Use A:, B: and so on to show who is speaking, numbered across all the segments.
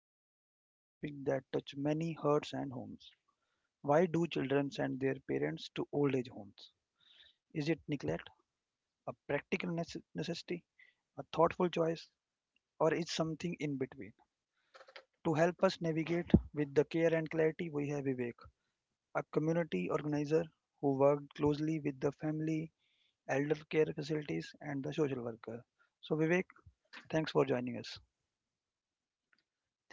A: are exploring an topic that touch many hearts and homes. Why do children send their parents to old age homes? Is it neglect, a practical necessity, a thoughtful choice, or is something in between? To help us navigate with the care and clarity, we have Vivek, a community organizer who worked closely with the family, elder care facilities, and the social worker. So, Vivek, thanks for joining us.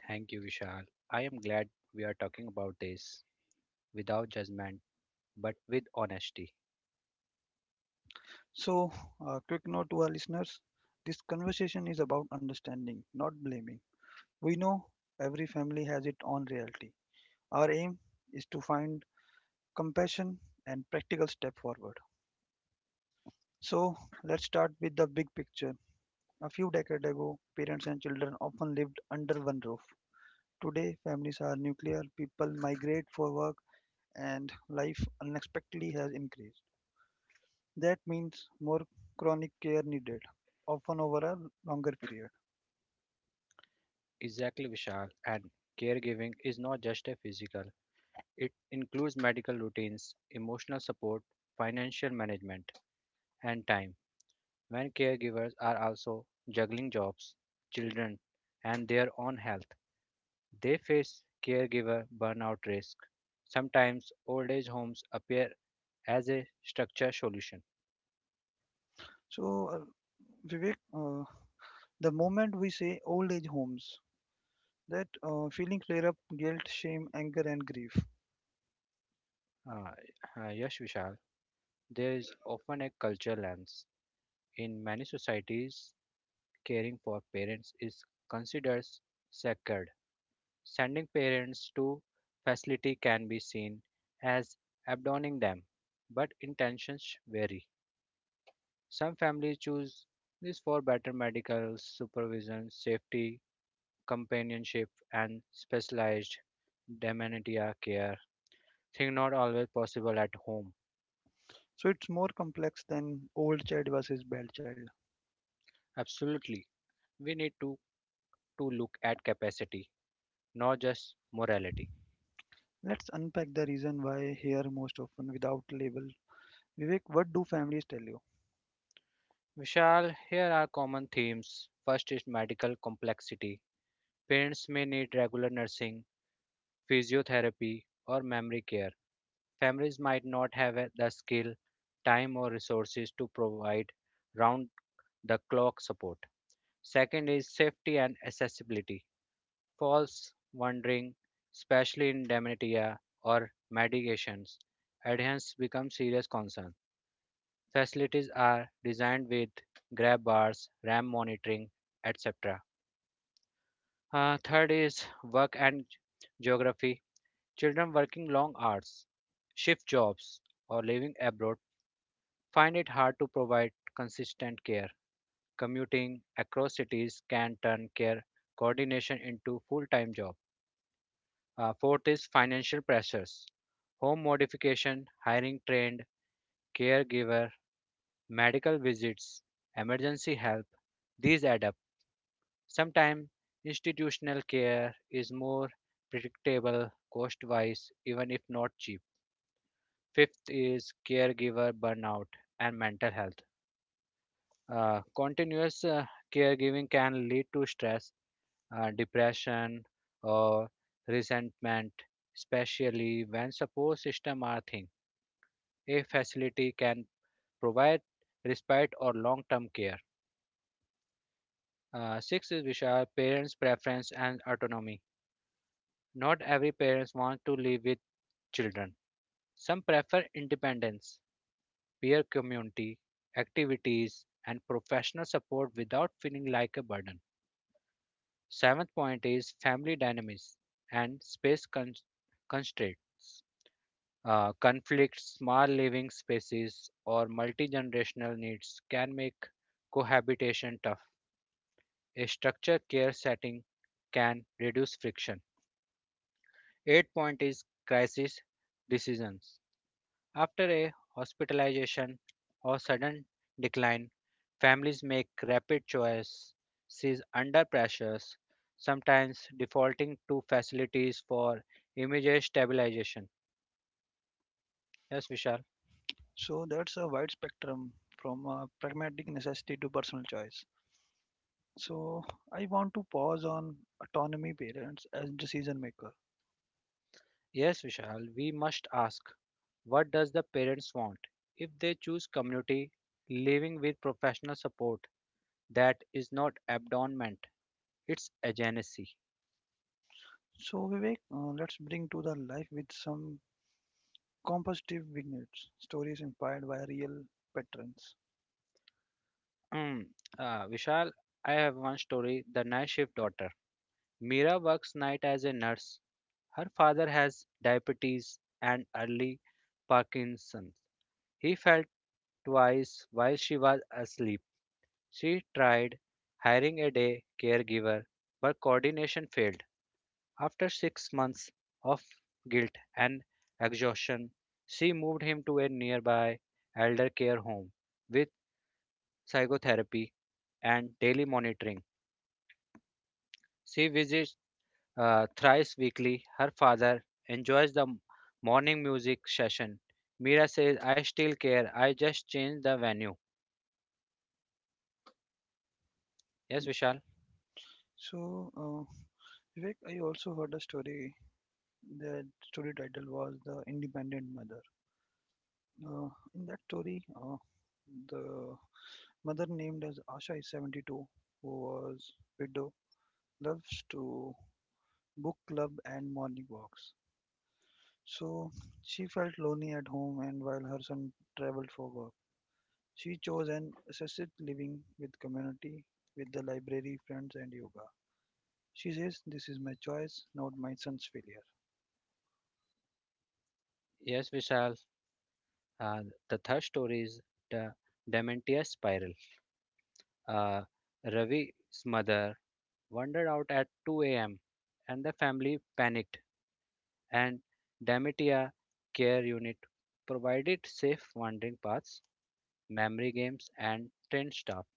B: Thank you, Vishal. I am glad we are talking about this without judgment but with honesty.
A: So, a quick note to our listeners, this conversation is about understanding, not blaming. We know every family has its own reality. Our aim is to find compassion and practical step forward. So, let's start with the big picture. A few decades ago, parents and children often lived under one roof. Today, families are nuclear, people migrate for work, and life unexpectedly has increased. That means more chronic care needed, often over a longer period.
B: Exactly, Vishal. And caregiving is not just a physical, it includes medical routines, emotional support, financial management, and time. When caregivers are also juggling jobs, children, and their own health, they face caregiver burnout risk. Sometimes old age homes appear as a structure solution.
A: So, Vivek, the moment we say old age homes, that feeling clear up guilt, shame, anger, and grief.
B: Uh, yes, Vishal. There is often a cultural lens. In many societies, caring for parents is considered sacred. Sending parents to facility can be seen as abandoning them, but intentions vary. Some families choose this for better medical supervision, safety, companionship, and specialized dementia care, thing not always possible at home.
A: So, it's more complex than old child versus bad child.
B: Absolutely, we need to look at capacity not just morality.
A: Let's unpack the reason why here most often without label. Vivek, what do families tell you?
B: Vishal, here are common themes. First is medical complexity. Parents may need regular nursing, physiotherapy, or memory care. Families might not have the skill, time, or resources to provide round the clock support. Second is safety and accessibility. Falls, wandering, especially in dementia or medications, adherence becomes serious concern. Facilities are designed with grab bars, RAM monitoring, etc. Third is work and geography. Children working long hours, shift jobs, or living abroad find it hard to provide consistent care. Commuting across cities can turn care coordination into full-time job. Fourth is financial pressures. Home modification, hiring trained caregiver, medical visits, emergency help, these add up. Sometimes institutional care is more predictable cost wise, even if not cheap. Fifth is caregiver burnout and mental health. Continuous caregiving can lead to stress, depression, or resentment, especially when support system are thin. A facility can provide respite or long-term care. Six is Vishal, parents' preference and autonomy. Not every parents want to live with children. Some prefer independence, peer community, activities, and professional support without feeling like a burden. Seventh point is family dynamics and constraints. Conflicts, small living spaces, or multi generational needs can make cohabitation tough. A structured care setting can reduce friction. Eighth point is crisis decisions. After a hospitalization or sudden decline, families make rapid choice, sees under pressures, sometimes defaulting to facilities for immediate stabilization. Yes, Vishal.
A: So, that's a wide spectrum from pragmatic necessity to personal choice. So, I want to pause on autonomy parents as decision maker.
B: Yes, Vishal. We must ask, what does the parents want? If they choose community living with professional support, that is not abandonment; it's agency.
A: So, Vivek, let's bring to the life with some compositive vignettes, stories inspired by real patrons.
B: Vishal, I have one story: the night shift daughter. Mira works night as a nurse. Her father has diabetes and early Parkinson's. He fell twice while she was asleep. She tried hiring a day caregiver, but coordination failed. After 6 months of guilt and exhaustion, she moved him to a nearby elder care home with psychotherapy and daily monitoring. She visits thrice weekly. Her father enjoys the morning music session. Mira says, I still care. I just changed the venue. Yes, Vishal.
A: So, Vivek, I also heard a story. The story title was The Independent Mother. In that story, the mother named as Asha is 72, who was widow, loves to book club and morning walks. So, she felt lonely at home, and while her son traveled for work, she chose an assisted living with community, with the library, friends, and yoga. She says, This is my choice, not my son's failure.
B: Yes, Vishal. Uh, the third story is the Dementia Spiral. Uh, Ravi's mother wandered out at 2 a.m. and the family panicked, and Dementia Care Unit provided safe wandering paths, memory games, and trained staff.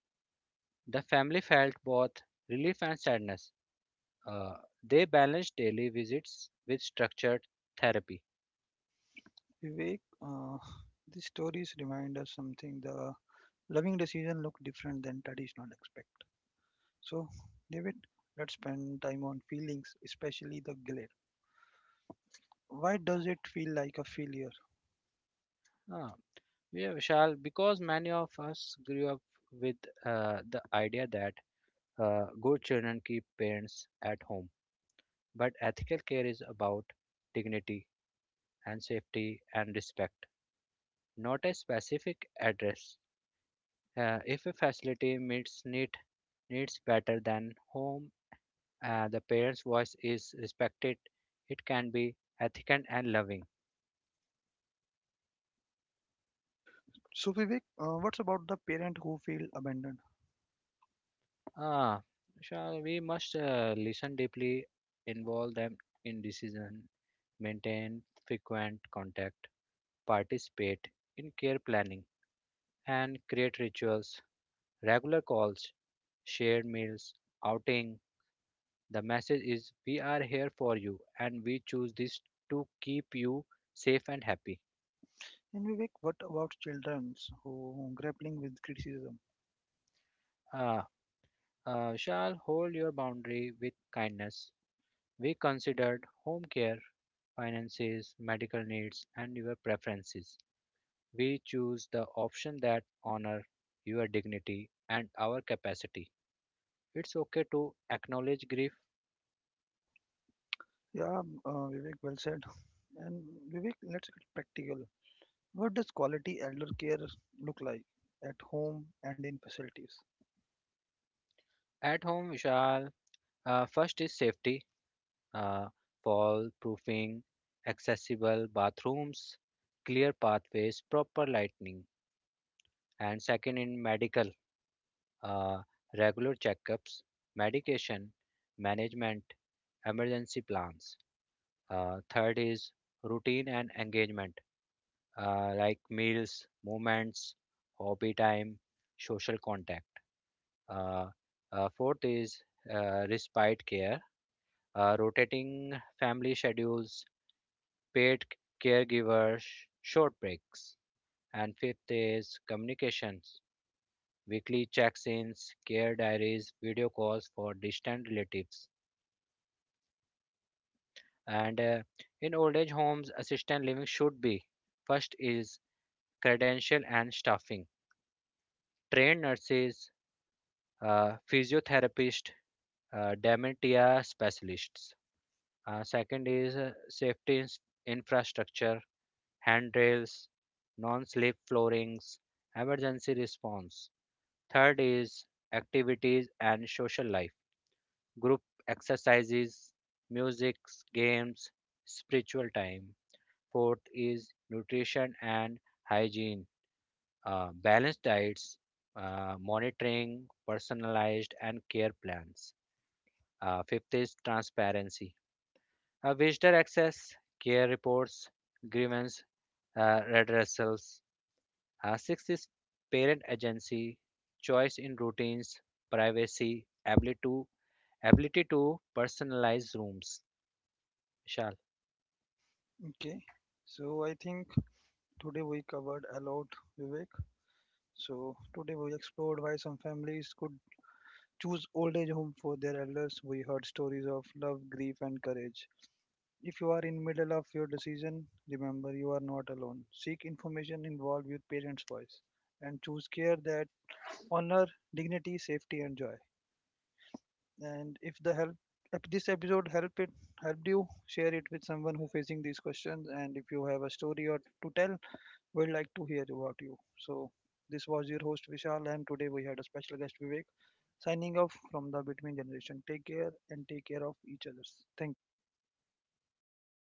B: The family felt both relief and sadness. Uh, they balance daily visits with structured therapy.
A: Vivek, uh, these stories remind us something the loving decision look different than traditional expect. So, David, let's spend time on feelings, especially the guilt. Why does it feel like a failure?
B: Uh, yeah, Vishal, because many of us grew up with the idea that good children keep parents at home. But ethical care is about dignity and safety and respect, not a specific address. If a facility meets needs better than home, the parent's voice is respected. It can be ethical and loving.
A: So, Vivek, what's about the parent who feel abandoned?
B: Ah, shall we must listen deeply, involve them in decision, maintain frequent contact, participate in care planning, and create rituals, regular calls, shared meals, outing. The message is we are here for you and we choose this to keep you safe and happy.
A: And Vivek, what about children who grappling with criticism?
B: Ah, Shall hold your boundary with kindness. We considered home care, finances, medical needs, and your preferences. We choose the option that honor your dignity and our capacity. It's okay to acknowledge grief.
A: Yeah, Vivek, well said. And Vivek, let's get practical. What does quality elder care look like at home and in facilities?
B: At home, Vishal, first is safety, uh, fall proofing, accessible bathrooms, clear pathways, proper lighting. And second, in medical, uh, regular checkups, medication, management, emergency plans. Third is routine and engagement like meals, movements, hobby time, social contact. Uh, Fourth is respite care, rotating family schedules, paid caregivers, short breaks. And fifth is communications, weekly checks ins, care diaries, video calls for distant relatives. And in old age homes, assisted living should be first is credential and staffing trained nurses, physiotherapist, dementia specialists. Second is safety infrastructure, handrails, non-slip floorings, emergency response. Third is activities and social life, group exercises, music, games, spiritual time. Fourth is nutrition and hygiene, balanced diets, monitoring, personalized and care plans. Fifth is transparency. Visitor access, care reports, grievance redressals. Sixth is parent agency, choice in routines, privacy, ability to personalize rooms. Vishal,
A: Okay, so I think today we covered a lot, Vivek. So today we explored why some families could choose old age home for their elders. We heard stories of love, grief, and courage. If you are in middle of your decision, remember you are not alone. Seek information involved with parents' voice and choose care that honor dignity, safety, and joy. And if the help, if this episode helped you, share it with someone who facing these questions, and if you have a story or to tell, we'd like to hear about you. So, this was your host Vishal, and today we had a special guest Vivek, signing off from the Between Generation. Take care, and take care of each others. Thank you.
B: thank